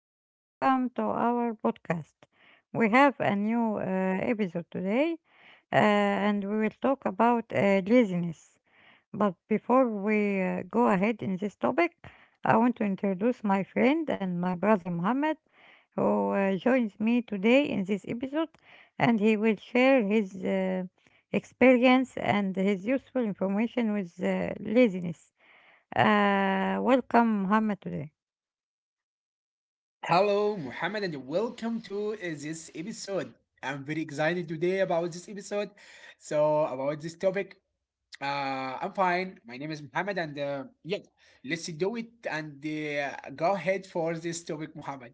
and welcome to our podcast. We have a new episode today, and we will talk about laziness. But before we go ahead in this topic, I want to introduce my friend and my brother Mohammed, who joins me today in this episode, and he will share his experience and his useful information with laziness. Welcome, Mohammed, today. Hello, Muhammad, and welcome to this episode. I'm very excited today about this episode. So, about this topic, I'm fine. My name is Muhammad, and yeah, let's do it and go ahead for this topic, Muhammad.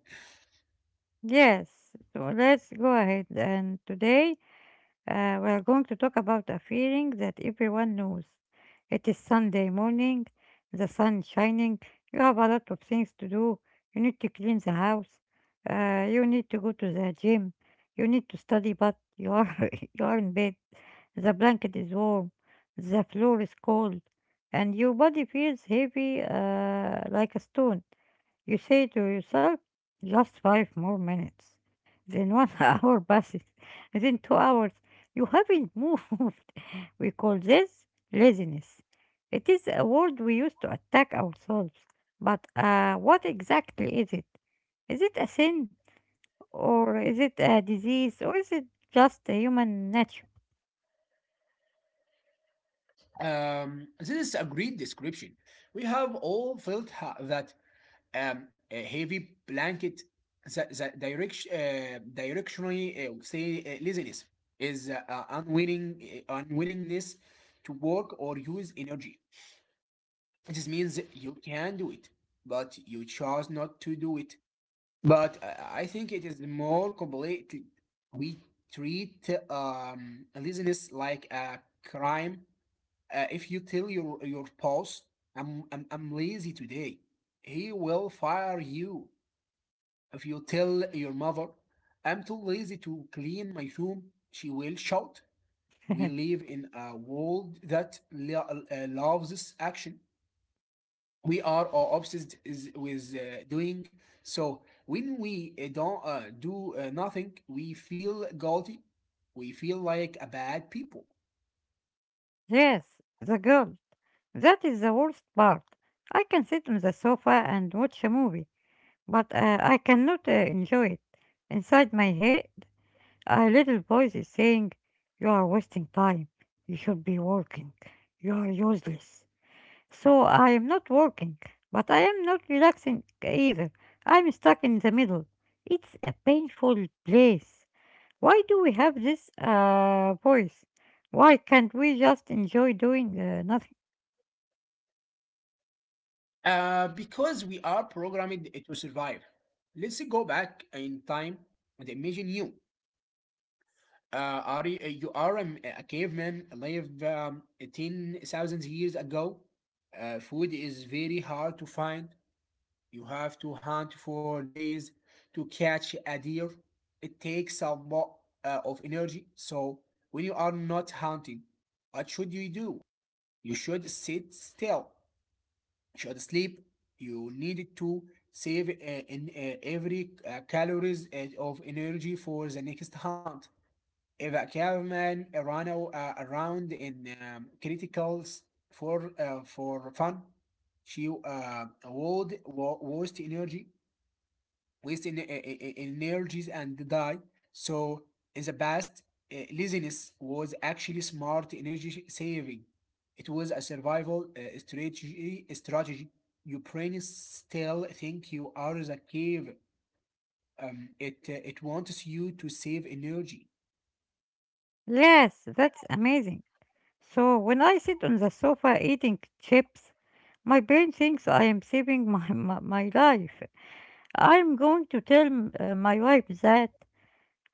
Yes, so let's go ahead. And today we're going to talk about a feeling that everyone knows. It is Sunday morning, the sun is shining, you have a lot of things to do. You need to clean the house, you need to go to the gym, you need to study, but you are, you are in bed. The blanket is warm, the floor is cold, and your body feels heavy like a stone. You say to yourself, just five more minutes. Then one hour passes and then 2 hours. You haven't moved. We call this laziness. It is a word we use to attack ourselves. But what exactly is it? Is it a sin? Or is it a disease? Or is it just a human nature? This is a great description. We have all felt that a heavy blanket. The direction, directionally, say, laziness is unwillingness to work or use energy. This means you can do it, but you chose not to do it. But I think it is more complicated. We treat laziness like a crime. If you tell your boss, I'm lazy today," he will fire you. If you tell your mother, I'm too lazy to clean my room, she will shout. We live in a world that loves action. We are all with doing. So when we don't do nothing, we feel guilty. We feel like a bad people. Yes, the girl. That is the worst part. I can sit on the sofa and watch a movie. But I cannot enjoy it. Inside my head a little voice is saying, you are wasting time. You should be working. You are useless. So I am not working, but I am not relaxing either. I'm stuck in the middle. It's a painful place. Why do we have this voice? Why can't we just enjoy doing nothing? Because we are programmed to survive. Let's go back in time and imagine you. Are you are a caveman live 10,000 years ago. Food is very hard to find. You have to hunt for days to catch a deer. It takes a lot of energy. So, when you are not hunting, what should you do? You should sit still. You should sleep. You need to save every calories of energy for the next hunt. If a caveman ran around in criticals for fun. She would waste energy, waste energies and die. So in the past, laziness was actually smart energy saving. It was a survival strategy. Strategy. Your brain still think you are the cave. It it wants you to save energy. Yes, that's amazing. So when I sit on the sofa eating chips, my brain thinks I am saving my life. I'm going to tell my wife that,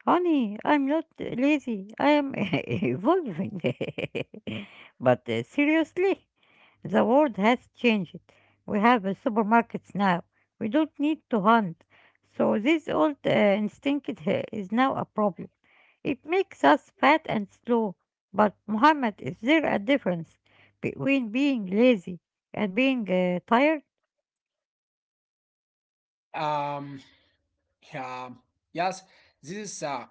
honey, I'm not lazy, I am evolving. But seriously, the world has changed. We have supermarkets now, we don't need to hunt. So this old instinct is now a problem. It makes us fat and slow, but Muhammad, is there a difference between being lazy and being tired? Um, Yeah, yes, this is uh,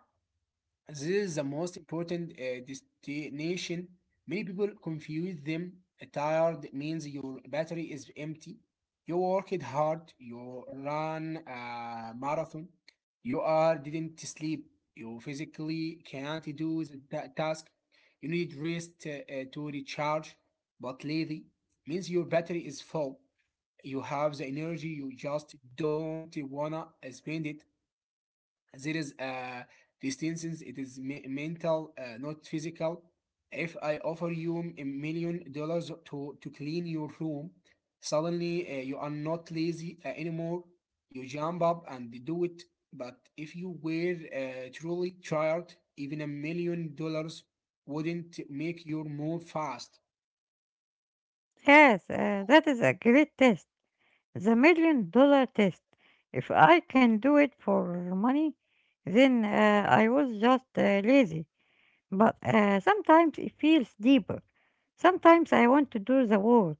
this is the most important destination. Many people confuse them. Tired means your battery is empty. You worked hard. You ran a marathon. You are didn't sleep. You physically can't do the task. You need rest to recharge. But lazy means your battery is full. You have the energy. You just don't wanna spend it. There is a distinction. It is mental, not physical. If I offer you $1 million to clean your room, suddenly you are not lazy anymore. You jump up and do it. But if you were truly tired, even $1 million wouldn't make your move fast. Yes, that is a great test, the million-dollar test. If I can do it for money, then I was just lazy. But sometimes it feels deeper. Sometimes I want to do the work.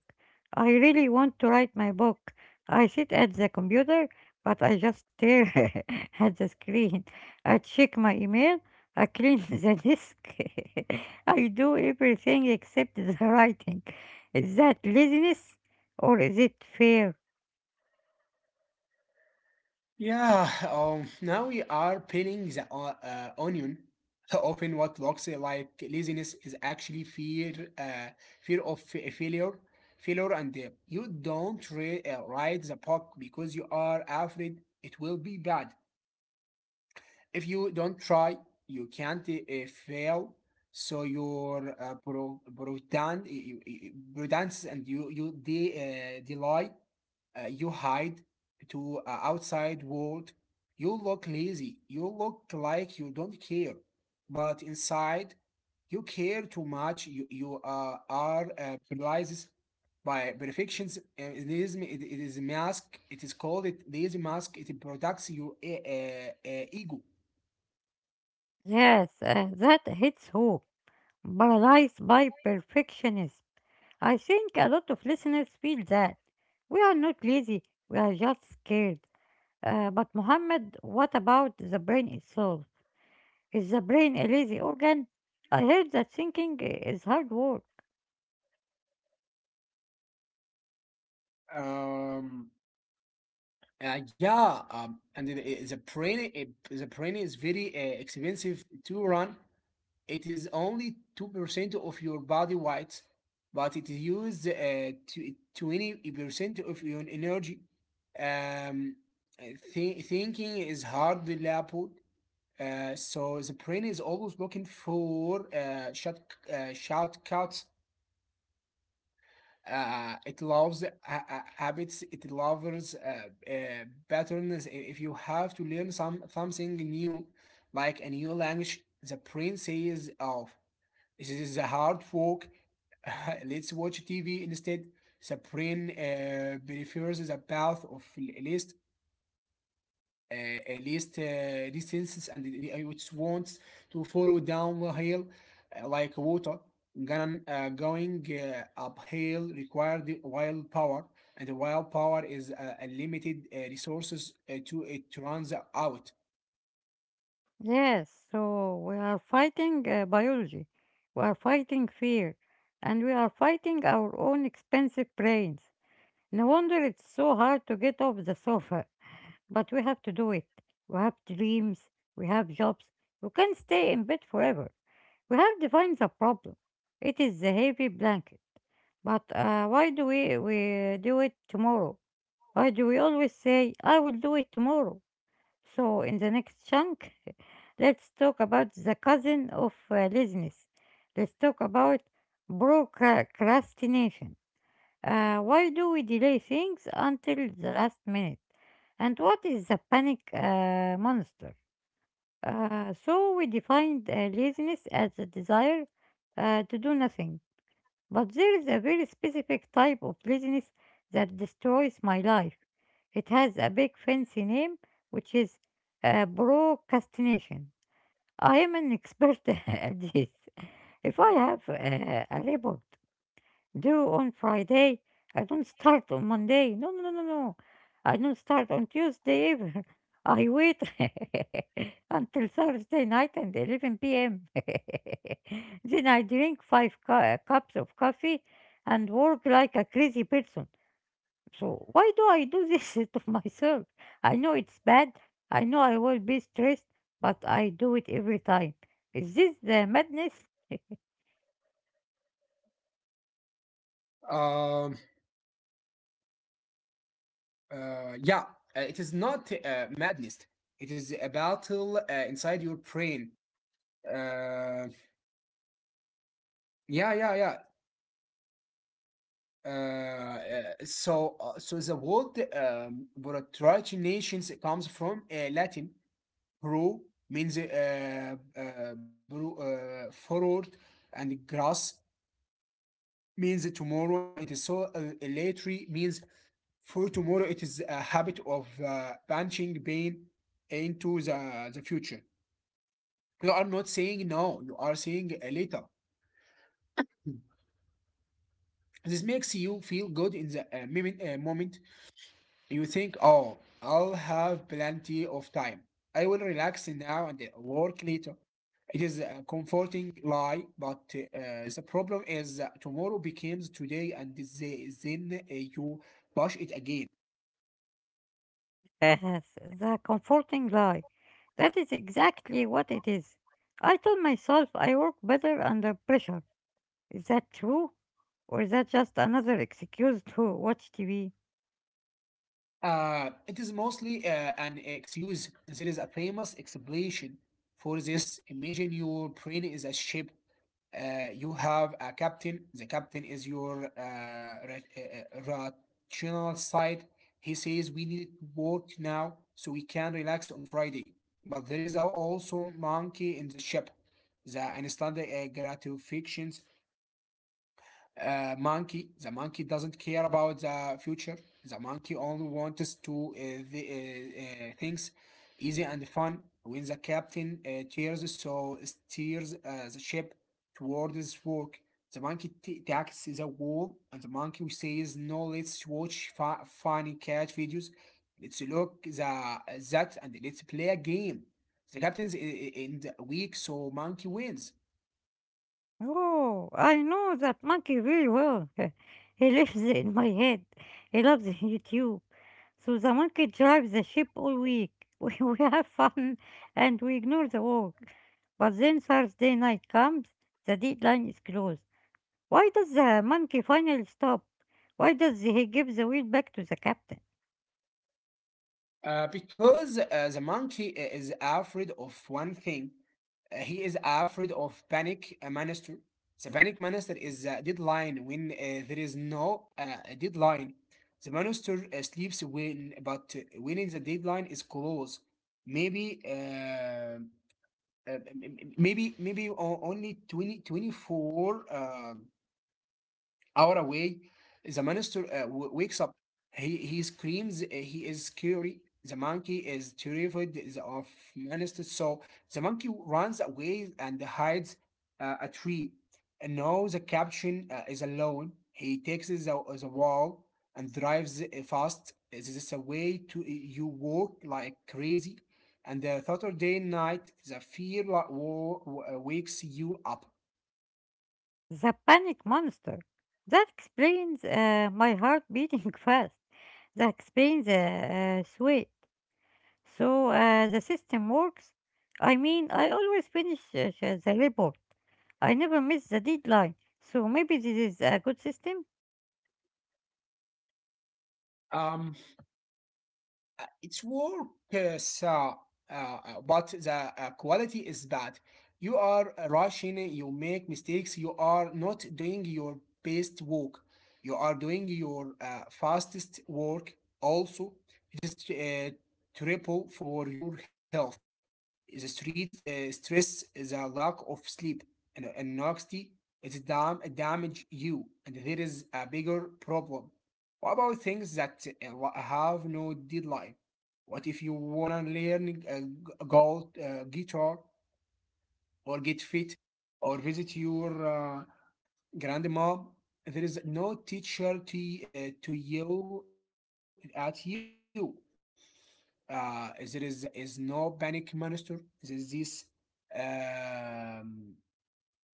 I really want to write my book. I sit at the computer, but I just stare at the screen. I check my email. I clean the desk. I do everything except the writing. Is that laziness or is it fear? Yeah, now we are pinning the onion. Often, what looks like laziness is actually fear, fear of failure, failure, and you don't write the book because you are afraid it will be bad. If you don't try, you can't fail. So your pretends, and you delay, you hide to outside world. You look lazy. You look like you don't care, but inside, you care too much. You are paralyzed by perfections. It is it is mask. It is called it lazy mask. It protects your ego. Yes, that hits home. Paralyzed by perfectionism. I think a lot of listeners feel that. We are not lazy, we are just scared. But, Mohammed, what about the brain itself? Is the brain a lazy organ? I heard that thinking is hard work. Um, uh, yeah, um, and the, the brain, the brain is very expensive to run. It is only 2% of your body weight, but it uses 20% of your energy. Um, thinking is hard labeled, so the brain is always looking for shortcuts. It loves habits. It loves patterns. If you have to learn some something new, like a new language, the brain says, "Oh, this is a hard work. Let's watch TV instead. Sabrine prefers the path of least least distance and it wants to follow downhill, like water. Ganon going uphill required wild power, and wild power is a limited resources to it runs out. Yes, so we are fighting biology, we are fighting fear, and we are fighting our own expensive brains. No wonder it's so hard to get off the sofa, but we have to do it. We have dreams, we have jobs, we can't stay in bed forever. We have defined the problem. It is the heavy blanket. But why do we do it tomorrow? Why do we always say, I will do it tomorrow? So, in the next chunk, let's talk about the cousin of laziness. Let's talk about procrastination. Why do we delay things until the last minute? And what is the panic monster? So we defined laziness as the desire to do nothing. But there is a very specific type of laziness that destroys my life. It has a big fancy name, which is procrastination. I am an expert at this. If I have a report due on Friday. I don't start on Monday. No, no, no, no, no. I don't start on Tuesday either. I wait until Thursday night and 11 p.m. Then I drink five cups of coffee and work like a crazy person. So why do I do this to myself? I know it's bad. I know I will be stressed, but I do it every time. Is this the madness? Um, yeah, it is not madness. It is a battle inside your brain. Uh, yeah, yeah, yeah. Uh, uh, so the word nations comes from Latin pro means pro, forward, and grass means tomorrow. It is so literally means for tomorrow. It is a habit of punching pain into the future. You are not saying no, you are saying later. This makes you feel good in the moment. You think, oh, I'll have plenty of time. I will relax now and work later. It is a comforting lie, but the problem is that tomorrow becomes today and then you push it again. Yes, the comforting lie. That is exactly what it is. I told myself I work better under pressure. Is that true? Or is that just another excuse to watch TV? It is mostly an excuse. There is a famous explanation for this. Imagine your brain is a ship. You have a captain. The captain is your rational side. He says we need to work now so we can relax on Friday. But there is also monkey in the ship. The instant gratification monkey. The monkey doesn't care about the future. The monkey only wants to things easy and fun. When the captain cheers, so steers the ship toward his work. The monkey attacks the wall, and the monkey says, "No, let's watch funny cat videos. Let's look the that, and let's play a game." The captain's in the week, so monkey wins. Oh, I know that monkey very well. He lives in my head. He loves YouTube. So the monkey drives the ship all week. We have fun and we ignore the work. But then Thursday night comes, the deadline is closed. Why does the monkey finally stop? Why does he give the wheel back to the captain? Because the monkey is afraid of one thing. He is afraid of panic monster. The panic monster is a deadline when there is no deadline. The monster sleeps when, but when the deadline is close, maybe maybe only 2024 hour away, the minister wakes up. He screams. He is scary. The monkey is terrified of minister. So the monkey runs away and hides a tree. And now the captain is alone. He takes the wall and drives fast. This is a way to you walk like crazy. And the Saturday night, the fear wakes you up. The panic monster. That explains my heart beating fast. That explains the sweat. So the system works. I mean, I always finish the report. I never miss the deadline. So maybe this is a good system. Um, It's work, uh, so, but the quality is bad. You are rushing, you make mistakes, you are not doing your best work. You are doing your fastest work also. It is triple for your health the street stress is a lack of sleep and anxiety it damage you and there is a bigger problem what about things that have no deadline what if you wanna learn g- gold guitar or get fit or visit your grandma there is no teacher to yell at you there is no panic monster. There is this um,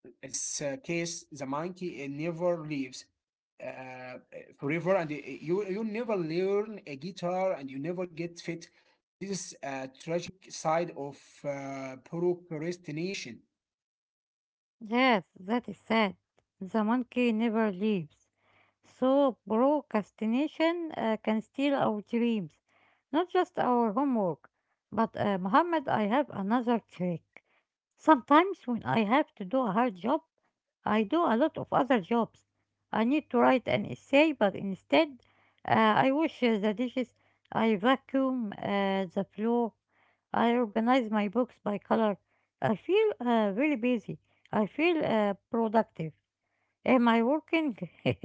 this case. The monkey never leaves uh, uh, forever, and you never learn a guitar, and you never get fit. This is a tragic side of procrastination. Yes, that is sad. The monkey never leaves. So procrastination can steal our dreams, not just our homework. But Muhammad, I have another trick. Sometimes when I have to do a hard job, I do a lot of other jobs. I need to write an essay, but instead, uh, I wash the dishes, I vacuum the floor, I organize my books by color. I feel really busy. I feel productive. Am I working?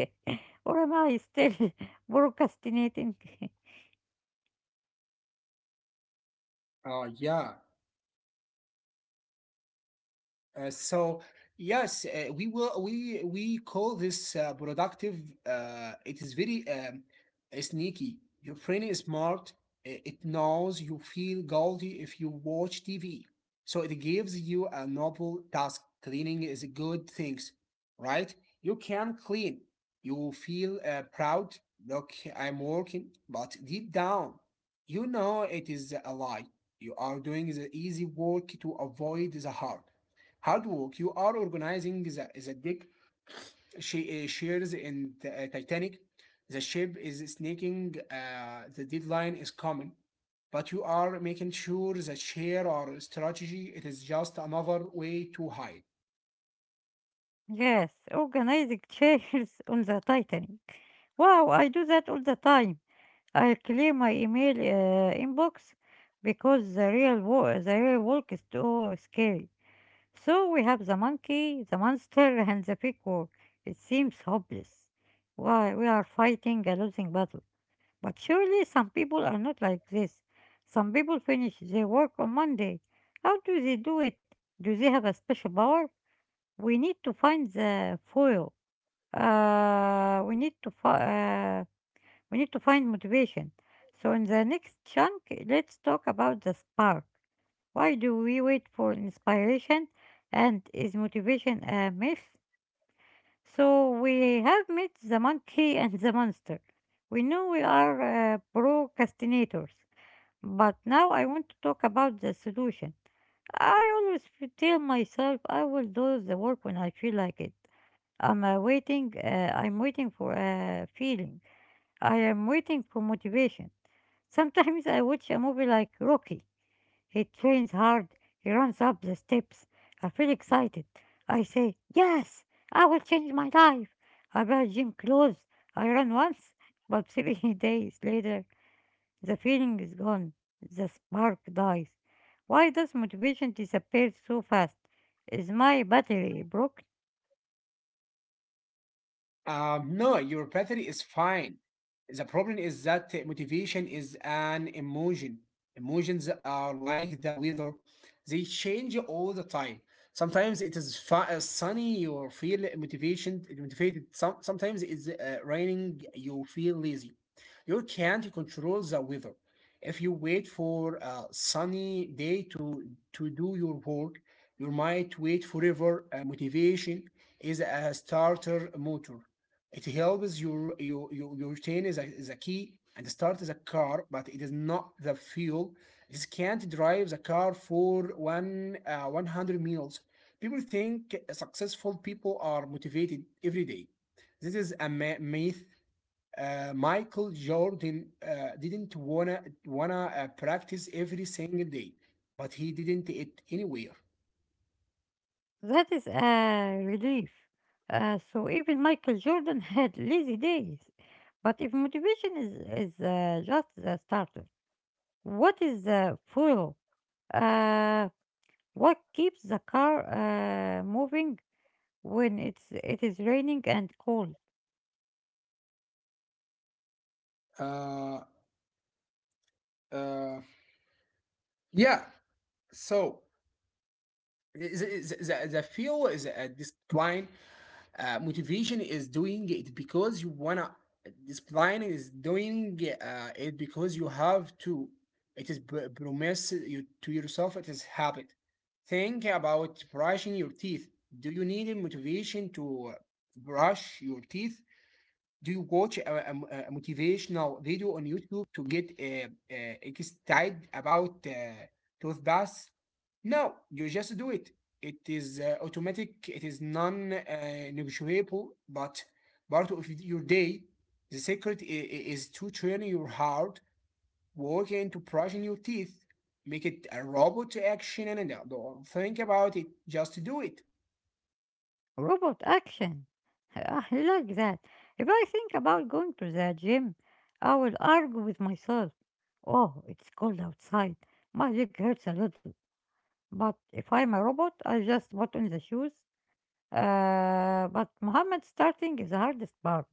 Or am I still procrastinating? Uh, yeah. Uh, so yes, we will we call this productive. It is very sneaky. Your brain is smart. It knows you feel guilty if you watch TV, so it gives you a novel task. Cleaning is a good thing, right? You can clean. You feel proud. Look, I'm working, but deep down, you know it is a lie. You are doing the easy work to avoid the hard. Hard work. You are organizing the deck she, shares in the Titanic. The ship is snaking. The deadline is coming, but you are making sure that share or strategy. It is just another way to hide. Yes, organizing chairs on the Titanic. Wow, I do that all the time. I clear my email inbox because the the real work is too scary. So we have the monkey, the monster, and the fake war. It seems hopeless. Why we are fighting a losing battle. But surely some people are not like this. Some people finish their work on Monday. How do they do it? Do they have a special power? We need to find the foil. Uh, we need to find. We need to find motivation. So, in the next chunk, let's talk about the spark. Why do we wait for inspiration? And is motivation a myth? So, we have met the monkey and the monster. We know we are procrastinators. But now I want to talk about the solution. I always tell myself I will do the work when I feel like it. I'm waiting. I'm waiting for a feeling. I am waiting for motivation. Sometimes I watch a movie like Rocky. He trains hard, he runs up the steps. I feel excited. I say, yes, I will change my life. I buy gym clothes. I run once, but 3 days later, the feeling is gone. The spark dies. Why does motivation disappear so fast? Is my battery broken? No, your battery is fine. The problem is that motivation is an emotion. Emotions are like the weather, they change all the time. Sometimes it is sunny, you feel motivation, motivated. Sometimes it's raining, you feel lazy. You can't control the weather. If you wait for a sunny day to, do your work, you might wait forever. Motivation is a starter motor. It helps your chain is is a key and the start is a car, but it is not the fuel. This can't drive the car for one 100 miles. People think successful people are motivated every day. This is a myth. Michael Jordan didn't wanna practice every single day, but he didn't it anywhere. That is a relief. So even Michael Jordan had lazy days. But if motivation is just the starter, what is the fuel? Uh, what keeps the car moving when it is raining and cold? Uh, uh, yeah. So the feel is a discipline. Motivation is doing it because you wanna. Discipline is doing it because you have to. It is promise you to yourself. It is habit. Think about brushing your teeth. Do you need motivation to brush your teeth? Do you watch a motivational video on YouTube to get excited about toothpaste? No, you just do it. It is automatic. It is non-negotiable, but part of your day. The secret is to train your heart work into brushing your teeth. Make it a robot action, and don't think about it. Just do it. Robot action. I like that. If I think about going to the gym, I will argue with myself. Oh, it's cold outside. My leg hurts a little. But if I'm a robot, I just put on the shoes. But Mohammed, starting is the hardest part.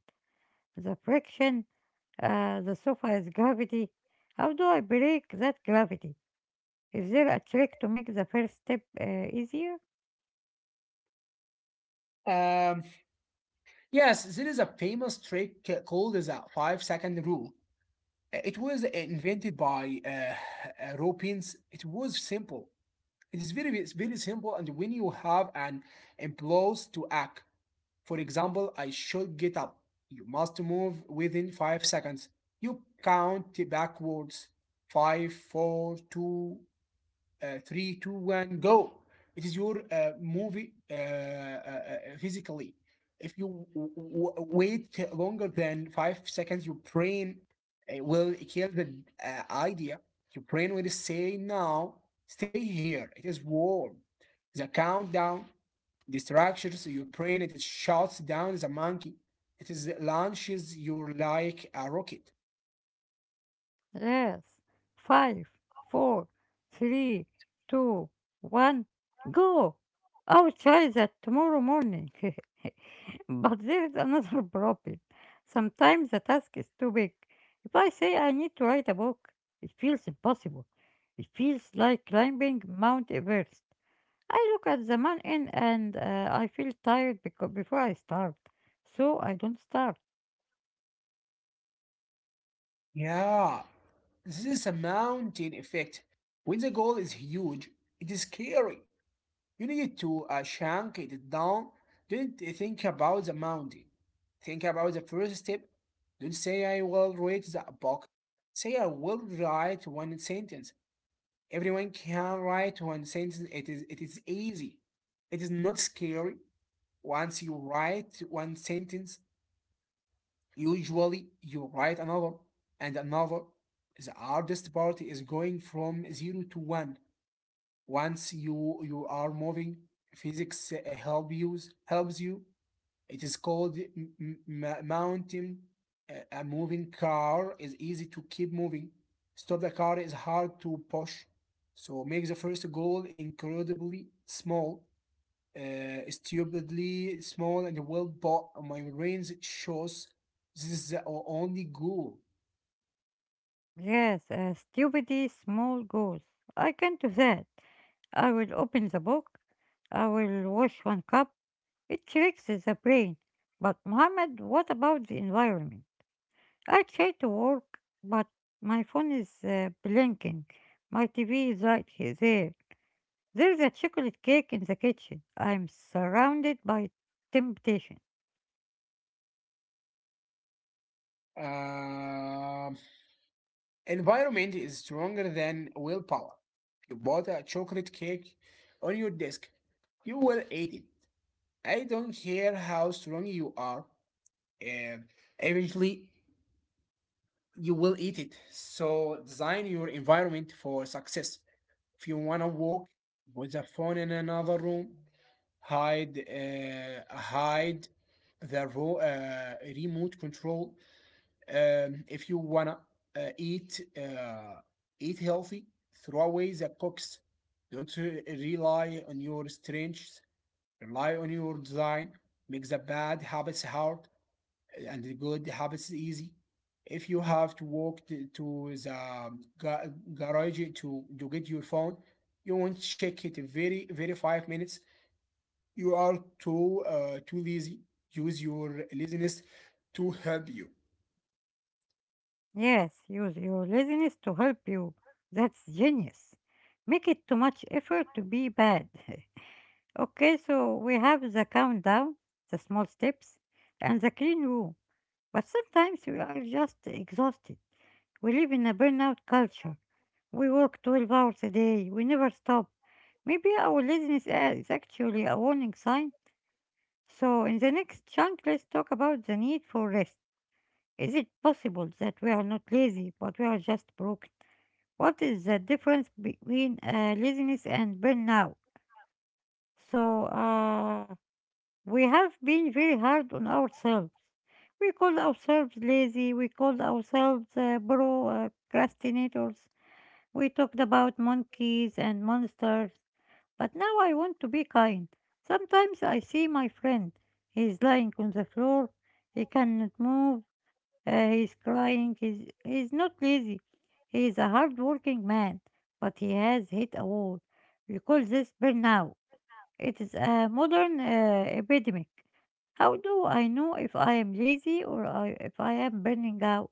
The friction, the sofa gravity. How do I break that gravity? Is there a trick to make the first step easier? Um, yes, there is a famous trick called the 5 second rule. It was invented by Europeans. It was simple. It's very simple. And when you have an impulse to act, for example, I should get up. You must move within 5 seconds. You count backwards. Five, four, two, three, two, one, go. It is your movie physically. If you wait longer than 5 seconds, your brain will kill the idea. Your brain will say, "Now, stay here. It is warm." The countdown distractions your brain. It shuts down the monkey. It is launches you like a rocket. Yes. Five, four, three, two, one, go! I'll try that tomorrow morning. But there is another problem. Sometimes the task is too big. If I say I need to write a book, it feels impossible. It feels like climbing Mount Everest. I look at the mountain and I feel tired because before I start, so I don't start. Yeah, this is a mountain effect. When the goal is huge, it is scary. You need to shank it down. Don't think about the mountain. Think about the first step. Don't say I will read the book. Say I will write one sentence. Everyone can write one sentence. It is easy. It is not scary. Once you write one sentence, usually, you write another and another. The hardest part is going from zero to one. Once you are moving, physics helps you. It is called mountain. A moving car is easy to keep moving. Stop the car is hard to push. So make the first goal incredibly small, stupidly small and well bought. My range shows this is the only goal. Yes, stupidly small goals. I can do that. I will open the book. I will wash one cup. It tricks the brain. But Mohammed, what about the environment? I try to work, but my phone is blinking. My TV is right here, there. There's a chocolate cake in the kitchen. I'm surrounded by temptation. Um Environment is stronger than willpower. You bought a chocolate cake on your desk, you will eat it. I don't care how strong you are, and eventually you will eat it. So design your environment for success. If you want to walk with the phone in another room, hide the remote control. If you wanna uh, eat uh, eat healthy, throw away the cooks. Don't rely on your strengths. Rely on your design. Make the bad habits hard and the good habits is easy. If you have to walk to the ga- garage to get your phone, you won't check it very very 5 minutes. You are too too lazy. Use your laziness to help you. Yes, use your laziness to help you. That's genius. Make it too much effort to be bad. Okay, so we have the countdown, the small steps, and the clean room. But sometimes we are just exhausted. We live in a burnout culture. We work 12 hours a day. We never stop. Maybe our laziness is actually a warning sign. So, in the next chunk, let's talk about the need for rest. Is it possible that we are not lazy, but we are just broken? What is the difference between laziness and burnout? So, we have been very hard on ourselves. We call ourselves lazy. We call ourselves procrastinators. We talked about monkeys and monsters, but now I want to be kind. Sometimes I see my friend. He's lying on the floor. He cannot move. He's crying. He's not lazy. He is a hard-working man, but he has hit a wall. We call this burnout. It is a modern epidemic. How do I know if I am lazy or if I am burning out?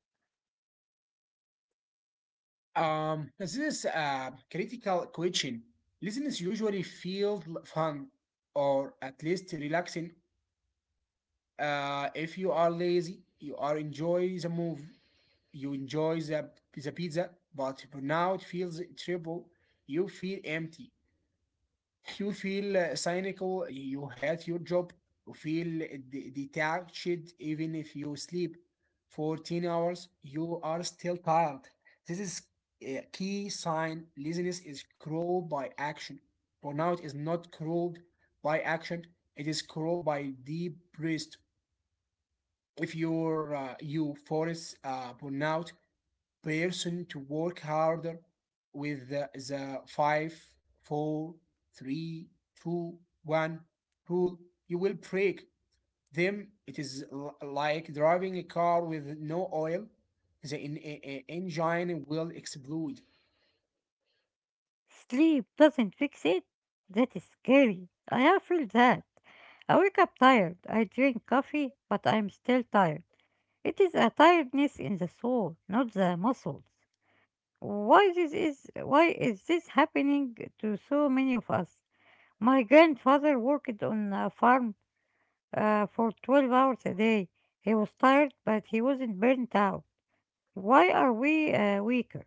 This is a critical question. Laziness usually feels fun or at least relaxing. If you are lazy, you are enjoy the move. You enjoy the pizza, but now it feels triple. You feel empty. You feel cynical. You hate your job. You feel detached even if you sleep 14 hours. You are still tired. This is a key sign. Laziness is cruel by action. Burnout is not cruel by action, it is cruel by deep rest. If you're, you force burnout, person to work harder with the five, four, three, two, one rule. You will break them. It is like driving a car with no oil. The engine will explode. Sleep doesn't fix it? That is scary. I have felt that. I wake up tired. I drink coffee, but I'm still tired. It is a tiredness in the soul, not the muscles. Why is this happening to so many of us? My grandfather worked on a farm for 12 hours a day. He was tired, but he wasn't burnt out. Why are we weaker?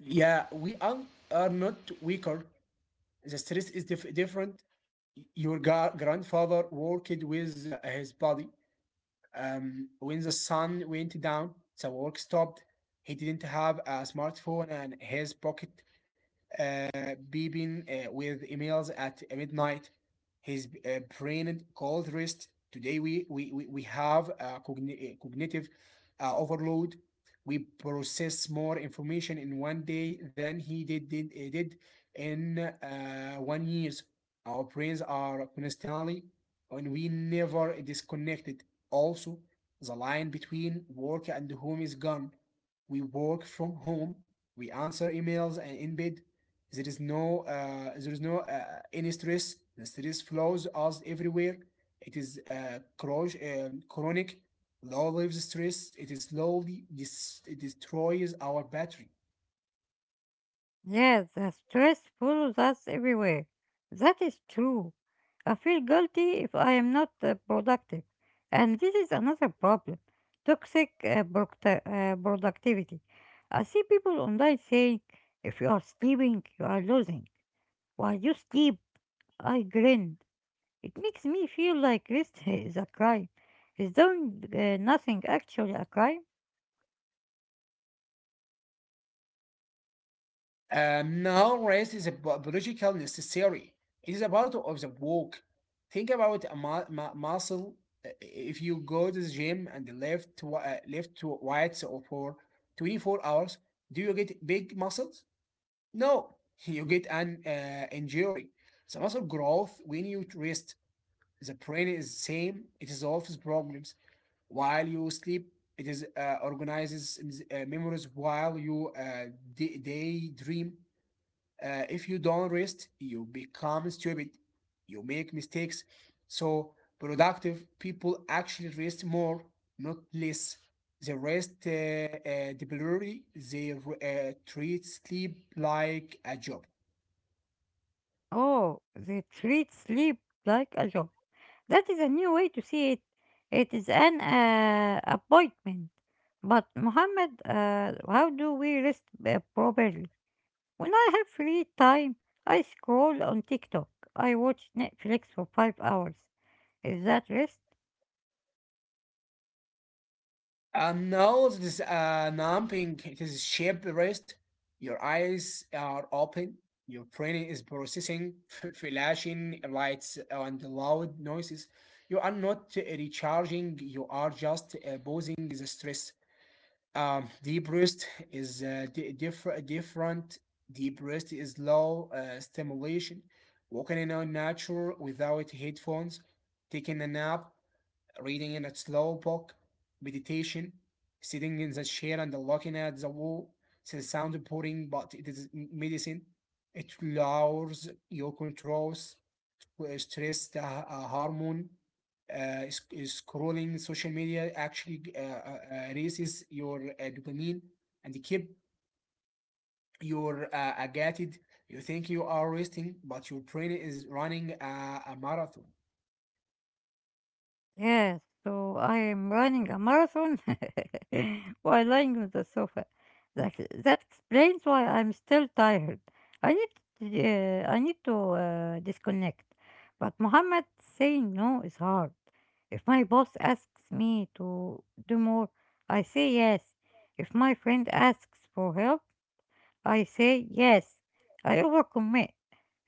Yeah, are not weaker. The stress is different. Your grandfather worked with his body. When the sun went down, the work stopped. He didn't have a smartphone and his pocket uh, beeping with emails at midnight. His brain cold rest. Today we have a cognitive overload. We process more information in one day than he did in 1 years. Our brains are constantly and we never disconnected. Also, the line between work and home is gone. We work from home, we answer emails and in bed, there is no any stress. The stress flows us everywhere. It is chronic, low level stress. It is slowly it destroys our battery. Yes, the stress follows us everywhere. That is true. I feel guilty if I am not productive. And this is another problem: toxic productivity. I see people online saying, if you are sleeping, you are losing. While you sleep, I grinned. It makes me feel like rest is a crime. Is doing nothing actually a crime? Now rest is a biological necessary. It is a part of the walk. Think about a muscle. If you go to the gym and lift to weights for 24 hours, do you get big muscles? No, you get an injury. The muscle growth when you rest. The brain is same. It solves problems while you sleep. It is organizes memories while you daydream. If you don't rest, you become stupid. You make mistakes. So productive people actually rest more, not less. The rest deliberately, they treat sleep like a job. Oh, they treat sleep like a job. That is a new way to see it. It is an appointment. But Muhammad, how do we rest properly? When I have free time, I scroll on TikTok. I watch Netflix for 5 hours. Is that rest? No, this numbing it is shape rest. Your eyes are open. Your brain is processing flashing lights and loud noises. You are not recharging. You are just posing the stress. Deep rest is Different. Deep rest is low stimulation. Walking in our nature without headphones, taking a nap, reading in a slow book, meditation, sitting in the chair and looking at the wall. It sounds boring, but it is medicine. It lowers your controls, stress the hormone. Is scrolling social media actually raises your dopamine and keep your agitated. You think you are resting, but your brain is running a marathon. Yes, so I am running a marathon while lying on the sofa. That explains why I'm still tired. I need I need to disconnect. But Muhammad, saying no is hard. If my boss asks me to do more, I say yes. If my friend asks for help, I say yes. I overcommit,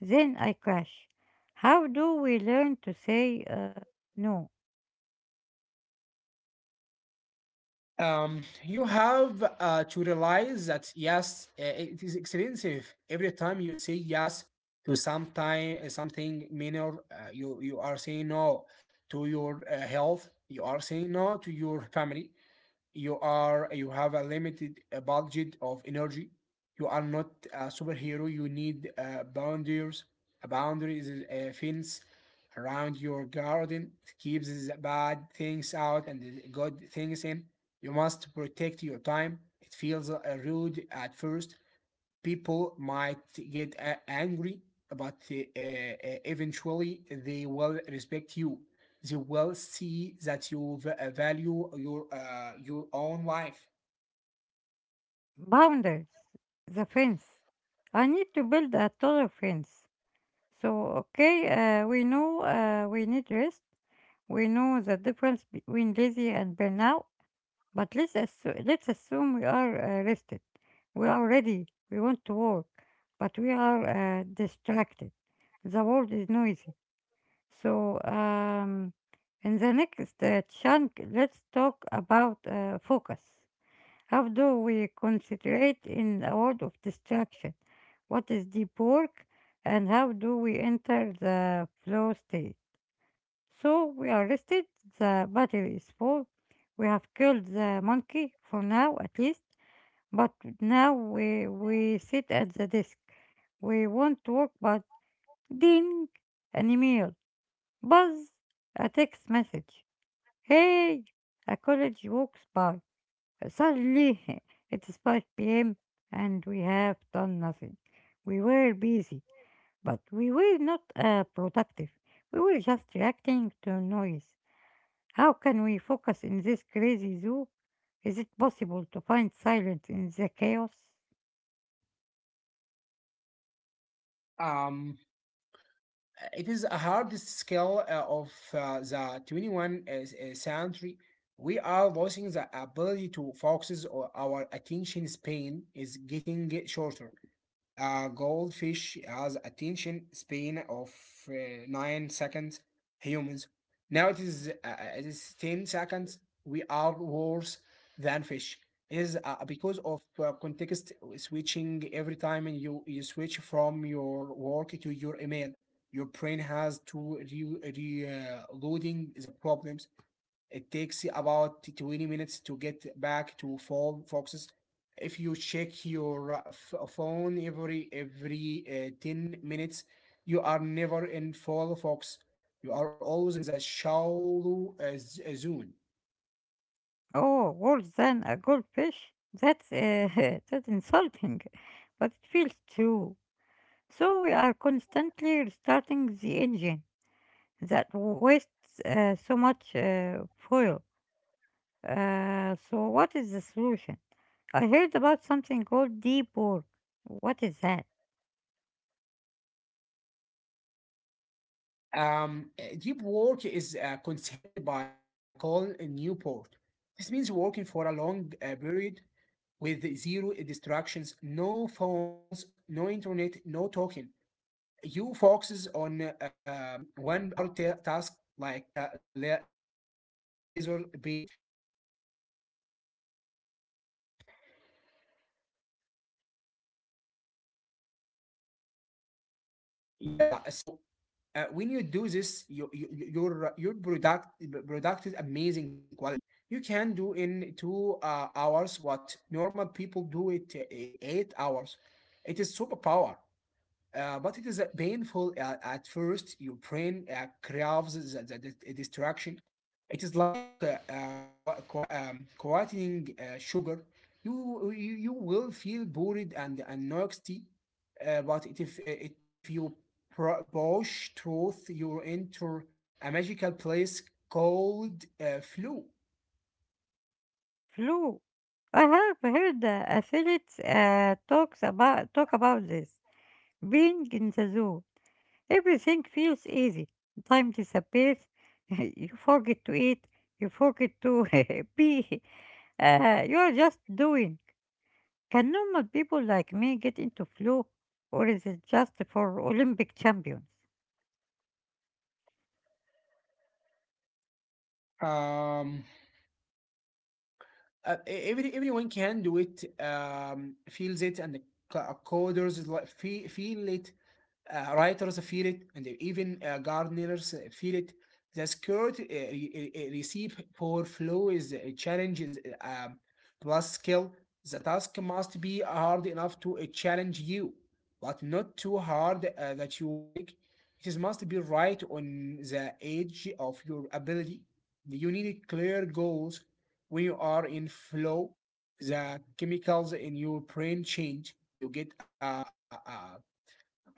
then I crash. How do we learn to say no? You have to realize that yes, it is expensive. Every time you say yes to some time, something minor, you are saying no to your health. You are saying no to your family. You have a limited budget of energy. You are not a superhero. You need boundaries. A boundary is a fence around your garden. It keeps the bad things out and the good things in. You must protect your time. It feels rude at first. People might get angry, but eventually they will respect you. They will see that you value your own life. Boundaries, the fence. I need to build a taller fence. So, okay, we know we need rest. We know the difference between lazy and burnout. But let's assume we are rested. We are ready. We want to work. But we are distracted. The world is noisy. So, in the next chunk, let's talk about focus. How do we concentrate in a world of distraction? What is deep work and how do we enter the flow state? So we are rested, the battery is full, we have killed the monkey for now at least, but now we sit at the desk. We want to work, but ding, an email, buzz, a text message. Hey, a college walks by. Suddenly, it is 5 p.m. and we have done nothing. We were busy, but we were not productive. We were just reacting to noise. How can we focus in this crazy zoo? Is it possible to find silence in the chaos? Um, it is a hard skill of the 21st century. We are losing the ability to focus, or our attention span is getting shorter. A goldfish has attention span of 9 seconds. Humans. Now it is 10 seconds. We are worse than fish. It is because of context switching. Every time you switch from your work to your email, your brain has to re, re loading the problems. It takes about 20 minutes to get back to full focus. If you check your phone every 10 minutes, you are never in full focus. You are always in the shallow zone. Oh, worse than a goldfish? That's insulting, but it feels true. So we are constantly restarting the engine that wastes so much fuel. So what is the solution? I heard about something called deep work. What is that? Deep work is a concept by Colin Newport. This means working for a long period with zero distractions, no phones, no internet, no talking. You focuses on one hard task like laser beam. Yeah, so when you do this, your product is amazing quality. You can do in two hours what normal people do it 8 hours. It is superpower. But it is painful at first. Your brain craves the distraction. It is like qua qua quieting sugar. You will feel bored and nasty, but if you push through, you enter a magical place called flow. Flu. I have heard affiliates talk about this. Being in the zoo, everything feels easy. Time disappears. You forget to eat. You forget to pee. You are just doing. Can normal people like me get into flu, or is it just for Olympic champions? Um, every everyone can do it. Feels it and coders feel it. Writers feel it, and even gardeners feel it. The skirt receive for flow is a challenge is plus skill. The task must be hard enough to challenge you, but not too hard that you panic. It is must be right on the edge of your ability. You need clear goals. When you are in flow, the chemicals in your brain change. You get a, a, a,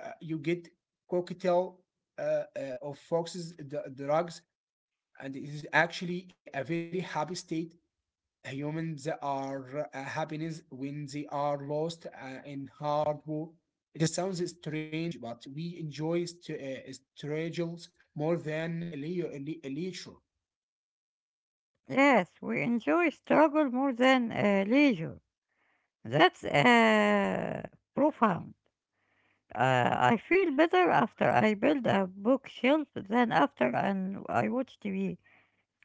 uh, you get cocktail of foxes drugs, and it is actually a very happy state. Humans are happiness when they are lost in hard work. It sounds strange, but we enjoy struggles more than leisure. Yes, we enjoy struggle more than leisure. That's profound. I feel better after I build a bookshelf than after and I watch TV.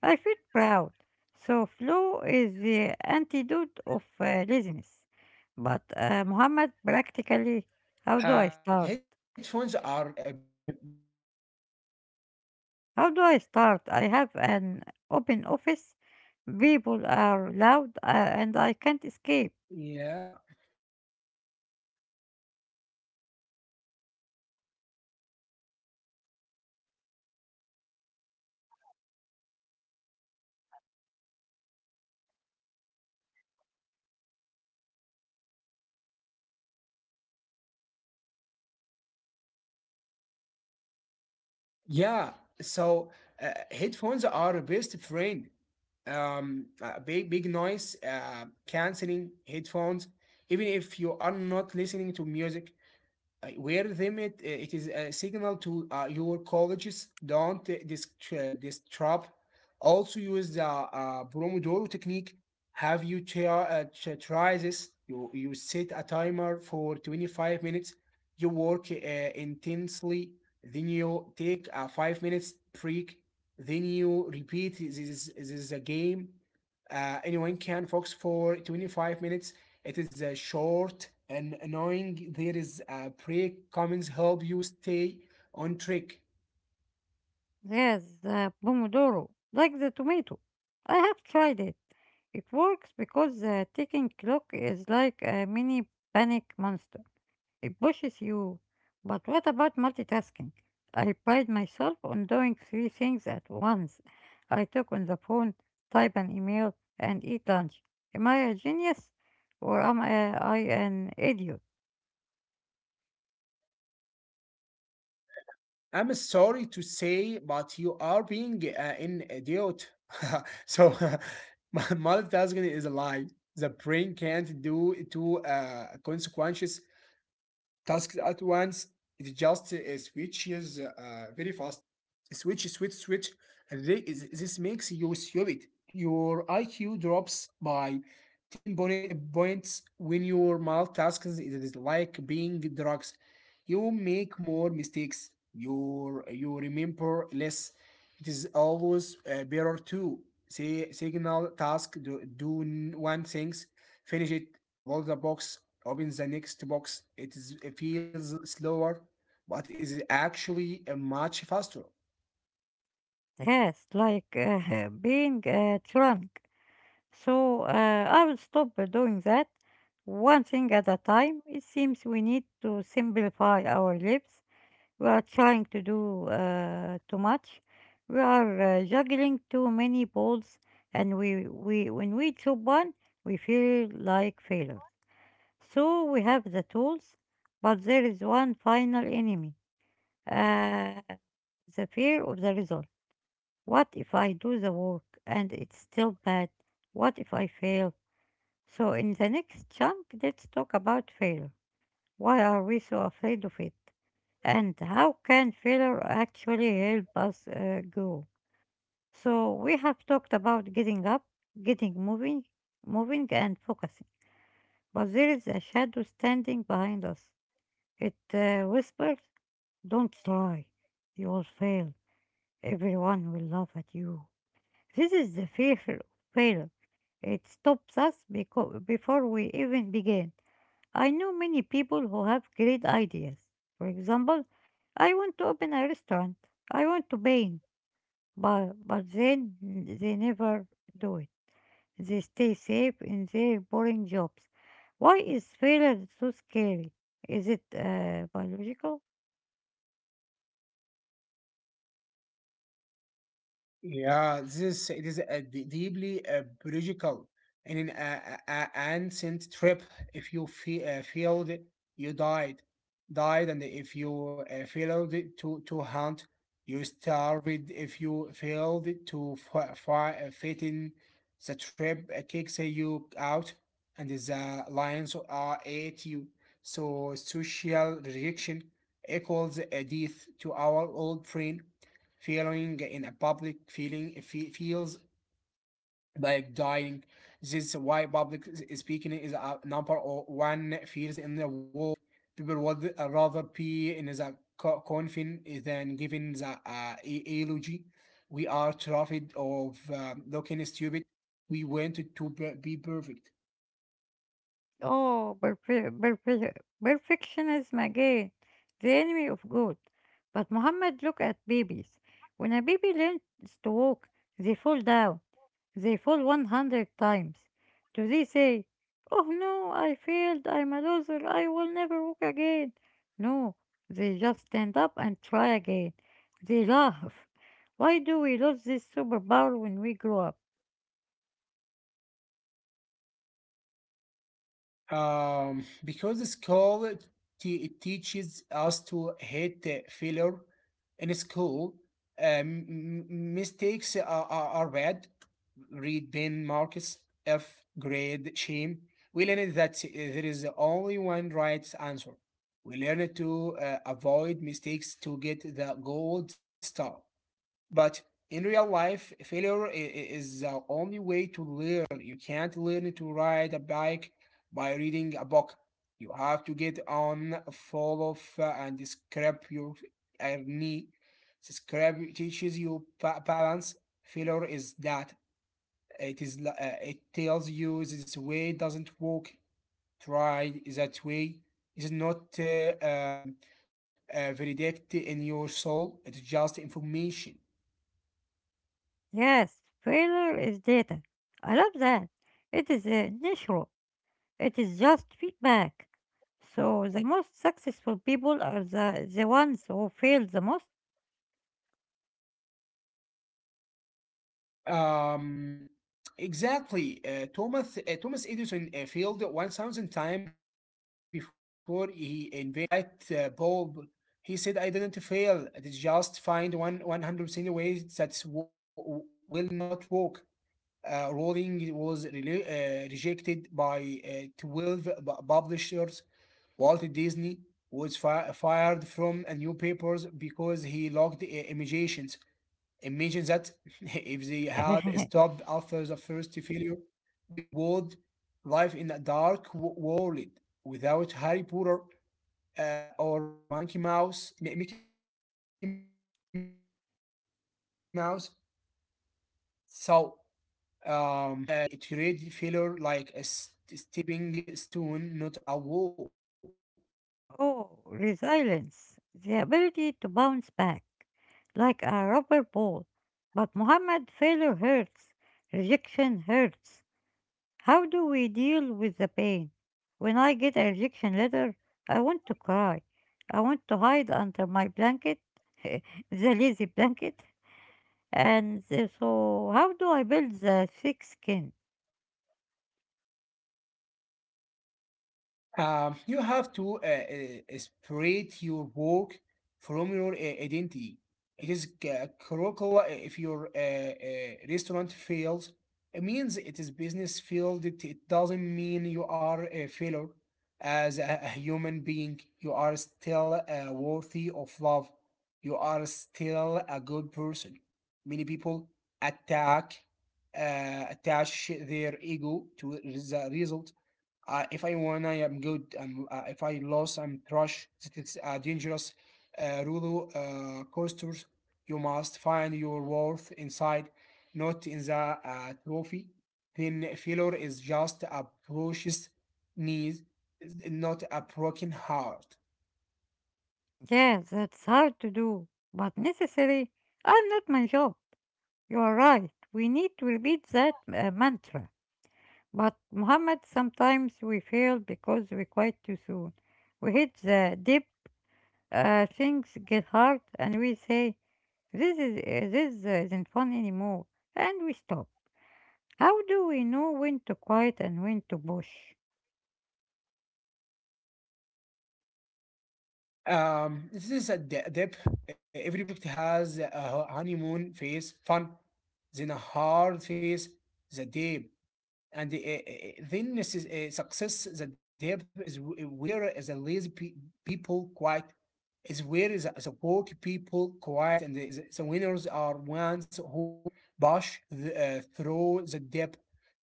I feel proud. So flow is the antidote of laziness. But Muhammad, practically, how do I start? Headphones are best friend big. How do I start? I have an open office. People are loud, and I can't escape. Yeah, Yeah, so headphones are best friend. Big big noise canceling headphones. Even if you are not listening to music, where them it is a signal to your colleagues don't disrupt. Also use the pomodoro technique. Have you try this? You set a timer for 25 minutes, you work intensely, then you take a 5 minutes break, then you repeat. This is a game. Anyone can focus for 25 minutes. It is short and annoying. There is a break. Comments help you stay on track. Yes, the pomodoro, like the tomato. I have tried it. It works because the ticking clock is like a mini panic monster. It pushes you. But what about multitasking? I pride myself on doing three things at once. I talk on the phone, type an email, and eat lunch. Am I a genius? Or am I an idiot? I'm sorry to say, but you are being an idiot. so, multitasking is a lie. The brain can't do two consequential tasks at once. It just switches very fast. Switch, switch, switch. This makes you stupid. Your IQ drops by 10 points when your multitasking. It is like being drugs. You make more mistakes. You remember less. It is always better to say signal task. One thing, finish it, complete the box, open the next box. It feels slower, but is actually much faster. Yes, like being drunk. So I will stop doing that. One thing at a time. It seems we need to simplify our lives. We are trying to do too much. We are juggling too many balls, and we when we drop one, we feel like failures. So we have the tools, but there is one final enemy: uh, the fear of the result. What if I do the work and it's still bad? What if I fail? So in the next chunk, let's talk about failure. Why are we so afraid of it? And how can failure actually help us grow. So we have talked about getting up, getting moving and focusing. But there is a shadow standing behind us. It whispers, "Don't try. You will fail. Everyone will laugh at you." This is the fear of failure. It stops us before we even begin. I know many people who have great ideas. For example, I want to open a restaurant. I want to paint, but then they never do it. They stay safe in their boring jobs. Why is failure so scary? Is it biological? Yeah, this is it is a deeply biological and an ancient trip. If you fe failed, you died, and if you failed to hunt, you starved. If you failed to fi fi fit in, the trip kicks you out, and the lions are at you. So social rejection equals a death to our old friend. Feeling in a public feeling feels like dying. This is why public speaking is a number one fears in the world. People would rather be in the coffin than giving the eulogy. We are terrified of looking stupid. We want to be perfect. Oh, perfectionism again, the enemy of good. But Muhammad, look at babies. When a baby learns to walk, they fall down. They fall 100 times. Do they say, "Oh no, I failed, I'm a loser, I will never walk again?" No, they just stand up and try again. They laugh. Why do we lose this superpower when we grow up? Because school teaches us to hate failure. In school, mistakes are bad. Read Ben Marcus F. Grade Shame. We learned that there is only one right answer. We learned to avoid mistakes to get the gold star. But in real life, failure is the only way to learn. You can't learn to ride a bike by reading a book. You have to get on, fall off, and scrape your knee. Scrape teaches you balance. Failure is that. It tells you this way doesn't work. Try that way. It's not validated in your soul. It's just information. Yes, failure is data. I love that. It is natural, it is just feedback. So the most successful people are the ones who fail the most. Um, exactly. Thomas Thomas Edison failed 1,000 times before he invented the light bulb. He said, "I didn't fail. I did just find one 100% ways that will not work." Rowling was rejected by 12 publishers. Walt Disney was fired from a new papers because he logged imitations. It mentions that if they had stopped after the first failure, we would live in a dark world without Harry Potter or Monkey Mouse, Mickey Mouse. So um, had resilience. They had great. They treated failure like a stepping stone, not a wall. Oh, resilience, the ability to bounce back like a rubber ball. But Muhammad, failure hurts, rejection hurts. How do we deal with the pain? When I get a rejection letter, I want to cry. I want to hide under my blanket, the lazy blanket. And so, how do I build the thick skin? You have to separate your work from your identity. It is critical. If your restaurant fails, it means it is business failed. It doesn't mean you are a failure. As a human being, you are still worthy of love. You are still a good person. Many people attack, attach their ego to the result. If I won, I am good. And if I lose, I'm trash. It's a dangerous roller coaster. You must find your worth inside, not in the trophy. Then failure is just a precious knees, not a broken heart. Yeah, that's hard to do, but necessary. I'm not my job. You are right. We need to repeat that mantra. But Muhammad, sometimes we fail because we quit too soon. We hit the dip, things get hard, and we say, "This is this isn't fun anymore," and we stop. How do we know when to quit and when to push? This is a depth. Every project has a honeymoon phase, fun, then a hard phase, the deep, and then this is, success. The depth is where the lazy people quiet, is where the work people quiet and the winners are ones who bash through the depth.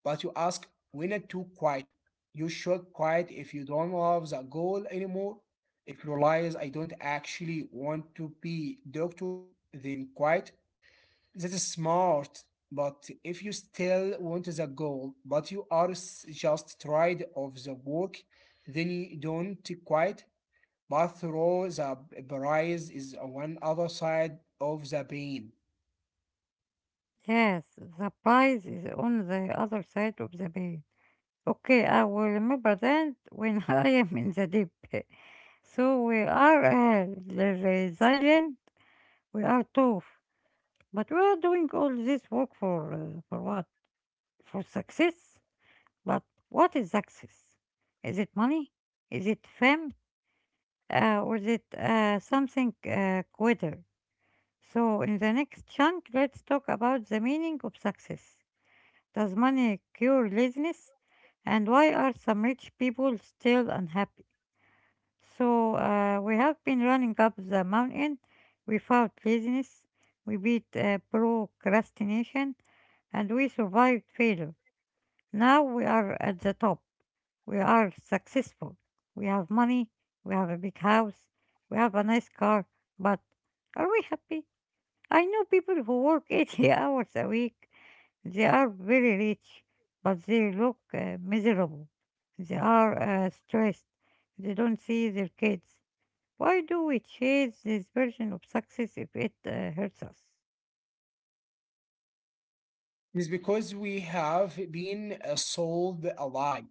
But you ask winner to quiet. You should quiet if you don't love the goal anymore. If you realize I don't actually want to be doctor, then quiet. That is smart, but if you still want the goal, but you are just tired of the work, then you don't quite. But through, the prize is one other side of the pain. Yes, the prize is on the other side of the bed. Okay, I will remember that when I am in the deep. So we are resilient. We are tough, but we are doing all this work for what? For success. But what is success? Is it money? Is it fame? Or is it something quitter? So in the next chunk, let's talk about the meaning of success. Does money cure laziness? And why are some rich people still unhappy? So we have been running up the mountain. We fought laziness. We beat procrastination. And we survived failure. Now we are at the top. We are successful. We have money. We have a big house. We have a nice car. But are we happy? I know people who work 80 hours a week. They are very rich, but they look miserable. They are stressed. They don't see their kids. Why do we chase this version of success if it hurts us? It is because we have been sold a lie.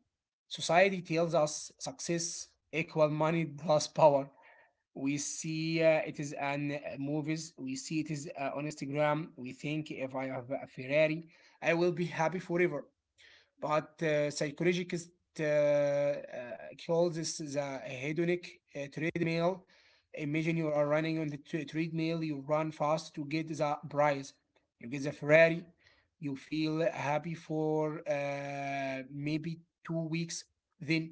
Society tells us success equal money plus power. We see it is on movies. We see it is on Instagram. We think if I have a Ferrari, I will be happy forever, but psychologist uh, uh, calls this the hedonic treadmill. Imagine you are running on the treadmill. You run fast to get the prize, you get the Ferrari, you feel happy for maybe 2 weeks, then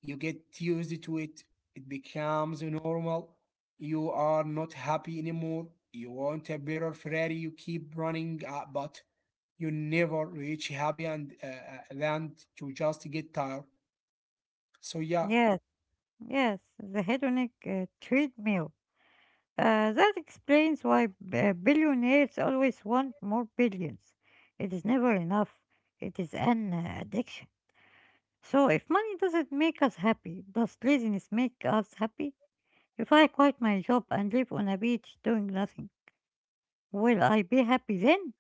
you get used to it, it becomes normal. You are not happy anymore. You want a better Ferrari, you keep running, but you never reach happy and land. You just get tired. So yeah. Yes, yes, the hedonic treadmill. That explains why billionaires always want more billions. It is never enough. It is an addiction. So, if money doesn't make us happy, does laziness make us happy? If I quit my job and live on a beach doing nothing, will I be happy then?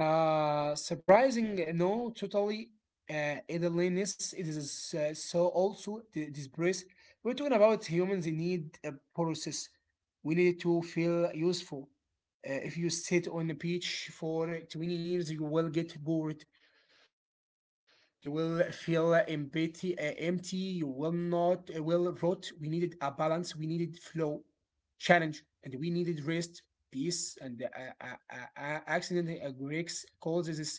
Surprising, no, totally. Idleness, it is so also the disgrace. We're talking about humans. They need a process. We need to feel useful. If you sit on the beach for 20 years you will get bored. You will feel empty. You will not will rot. We needed a balance. We needed flow, challenge, and we needed rest, peace, and accident. Greeks calls this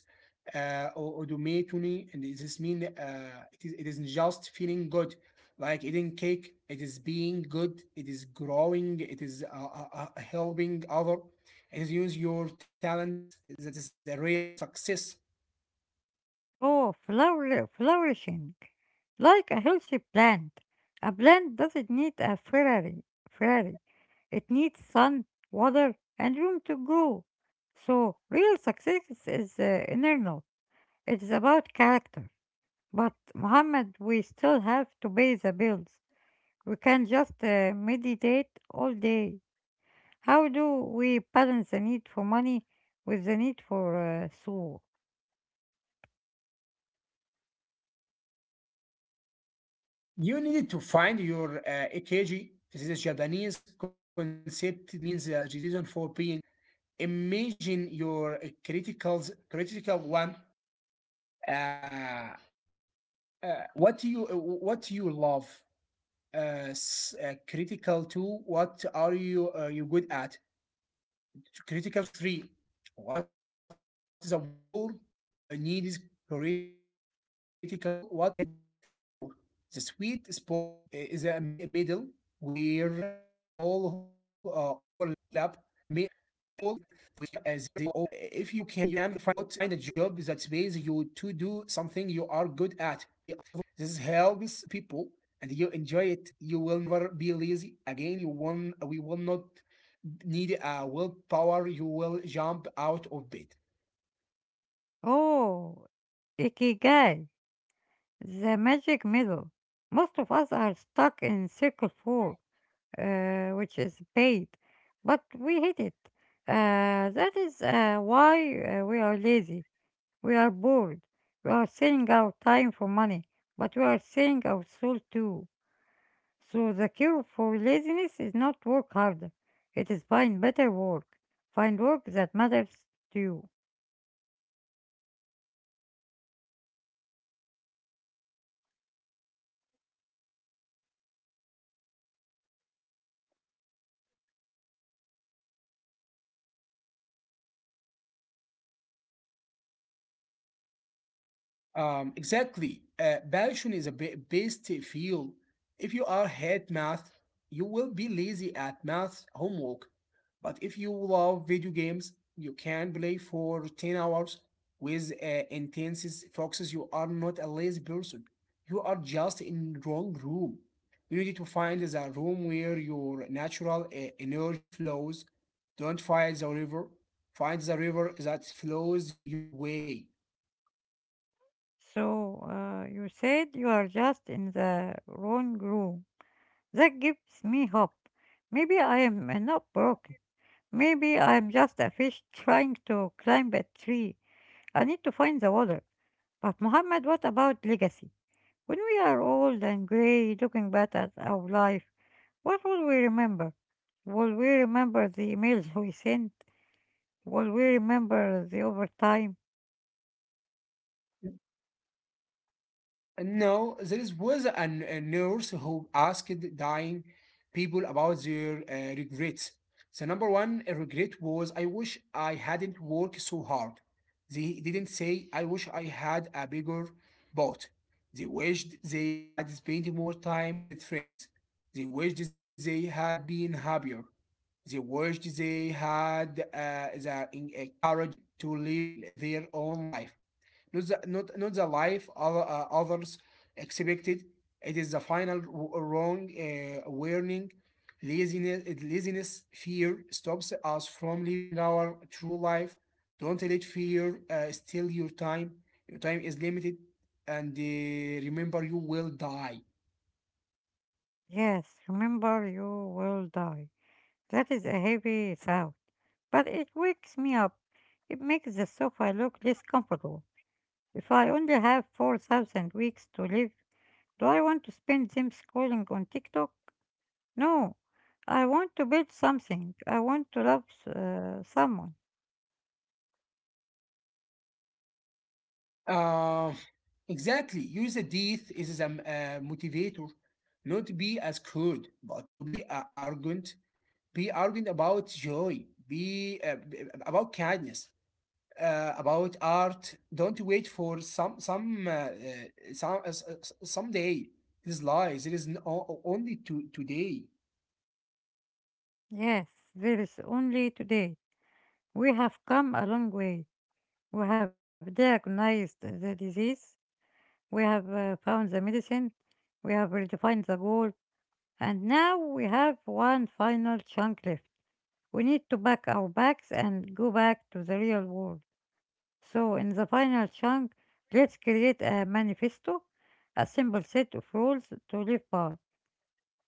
odometony, and this mean it is just feeling good, like eating cake. It is being good. It is growing. It is helping other. It is use your talent. That is a real success. Oh, flourishing. Like a healthy plant. A plant doesn't need a Ferrari. Ferrari. It needs sun, water, and room to grow. So, real success is internal. It is about character. But, Muhammad, we still have to pay the bills. We can't just meditate all day. How do we balance the need for money with the need for soul? You need to find your EKG. This is a Japanese concept. This means the reason for being. Imagine your criticals, critical one. Uh, what do you what do you love? Critical two. What are you you good at? Critical three. What is a war? A need is critical four. What you get paid for? The sweet spot is a middle where they all overlap. If you can find a job that pays you to do something you are good at, this helps people and you enjoy it. You will never be lazy again. You won't, We will not need a willpower. You will jump out of bed. Oh, Ikigai. The magic middle. Most of us are stuck in circle four, which is paid, but we hate it. That is why we are lazy. We are bored. We are selling our time for money, but we are selling our soul too. So the cure for laziness is not work harder. It is find better work. Find work that matters to you. Exactly. Passion is a best field. If you are hate math, you will be lazy at math homework. But if you love video games, you can play for 10 hours with intense focuses. You are not a lazy person. You are just in wrong room. You need to find the room where your natural energy flows. Don't fight the river. Find the river that flows your way. So you said you are just in the wrong room. That gives me hope. Maybe I am not broken. Maybe I am just a fish trying to climb a tree. I need to find the water. But, Muhammad, what about legacy? When we are old and grey, looking back at our life, what will we remember? Will we remember the emails we sent? Will we remember the overtime? No, there was a nurse who asked dying people about their regrets. The number one regret was I wish I hadn't worked so hard. They didn't say I wish I had a bigger boat. They wished they had spent more time with friends. They wished they had been happier. They wished they had courage to live their own life, not not the life others expected. It is the final wrong warning. Laziness, fear stops us from living our true life. Don't let fear steal your time. Your time is limited, and remember, you will die. Yes, remember you will die. That is a heavy thought, but it wakes me up. It makes the sofa look less comfortable. If I only have 4,000 weeks to live, do I want to spend them scrolling on TikTok? No. I want to build something. I want to love someone. Uh, exactly. Use a death is a motivator, not be as good, but to be arrogant, be arrogant about joy, be about kindness, about art. Don't wait for some s- s- someday. It is lies. It is only to today. Yes, there is only today. We have come a long way. We have diagnosed the disease. We have found the medicine. We have redefined the goal. And now we have one final chunk left. We need to pack our bags and go back to the real world. So, in the final chunk, let's create a manifesto, a simple set of rules to live by.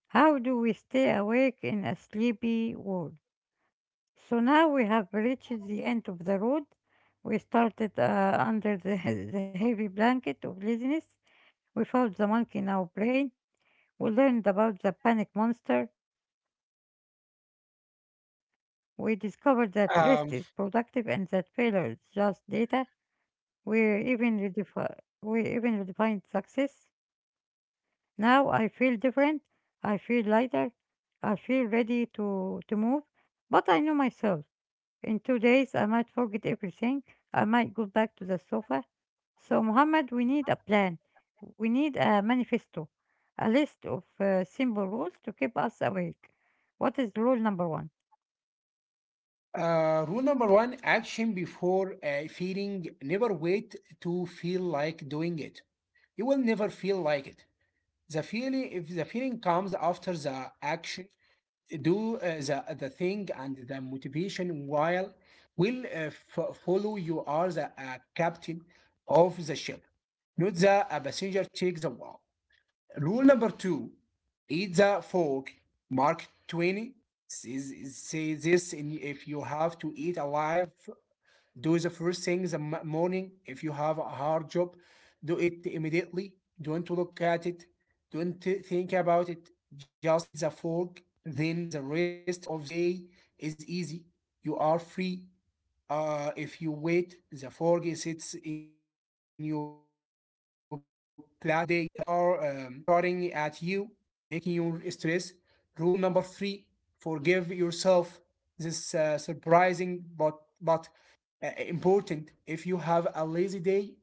How do we stay awake in a sleepy world? So now we have reached the end of the road. We started under the heavy blanket of laziness. We found the monkey in our brain. We learned about the panic monster. We discovered that rest is productive and that failure is just Um, data. We even redefi- we even redefined success. Now I feel different. I feel lighter. I feel ready to move. But I know myself. In 2 days, I might forget everything. I might go back to the sofa. So, Muhammad, we need a plan. We need a manifesto, a list of simple rules to keep us awake. What is rule number one? Rule number one, action before feeling. Never wait to feel like doing it. You will never feel like it. If the feeling comes after the action, do the thing and the motivation while will follow. You are the captain of the ship, not the passenger. Take the wall. Rule number two, eat the frog. Mark 20 says, say this in, if you have to eat alive, do the first thing in the morning. If you have a hard job, do it immediately. Don't look at it. Don't think about it. Just eat the frog. Then the rest of the day is easy. You are free. If you wait, the fork sits in your plate all day, staring at you, making you stress. Rule number three: forgive yourself. This surprising but important. If you have a lazy day,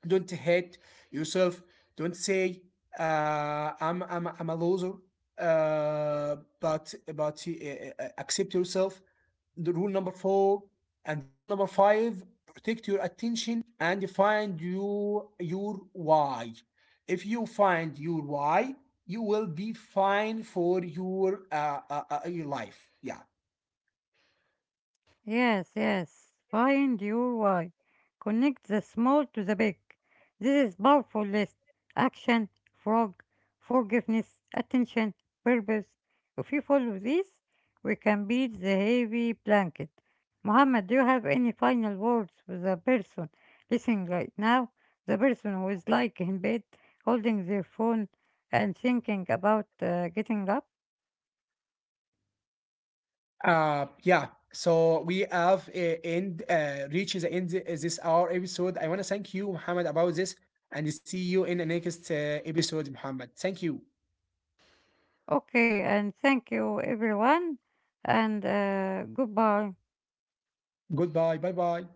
don't hate yourself. Don't say uh, I'm a loser. But Accept yourself. The rule number four and the rule number five, protect your attention and find your why. If you find your why, you will be fine for your life. Yeah. Yes, yes. Find your why. Connect the small to the big. This is powerful list. Action, frog, forgiveness, attention, purpose. If you follow this, we can beat the heavy blanket. Muhammad, do you have any final words for the person listening right now? The person who is like in bed, holding their phone and thinking about getting up? Yeah, so we have end reached the end of this our episode. I want to thank you Muhammad about this, and see you in the next episode. Muhammad, thank you. Okay, and thank you everyone, and goodbye. Goodbye. Bye bye.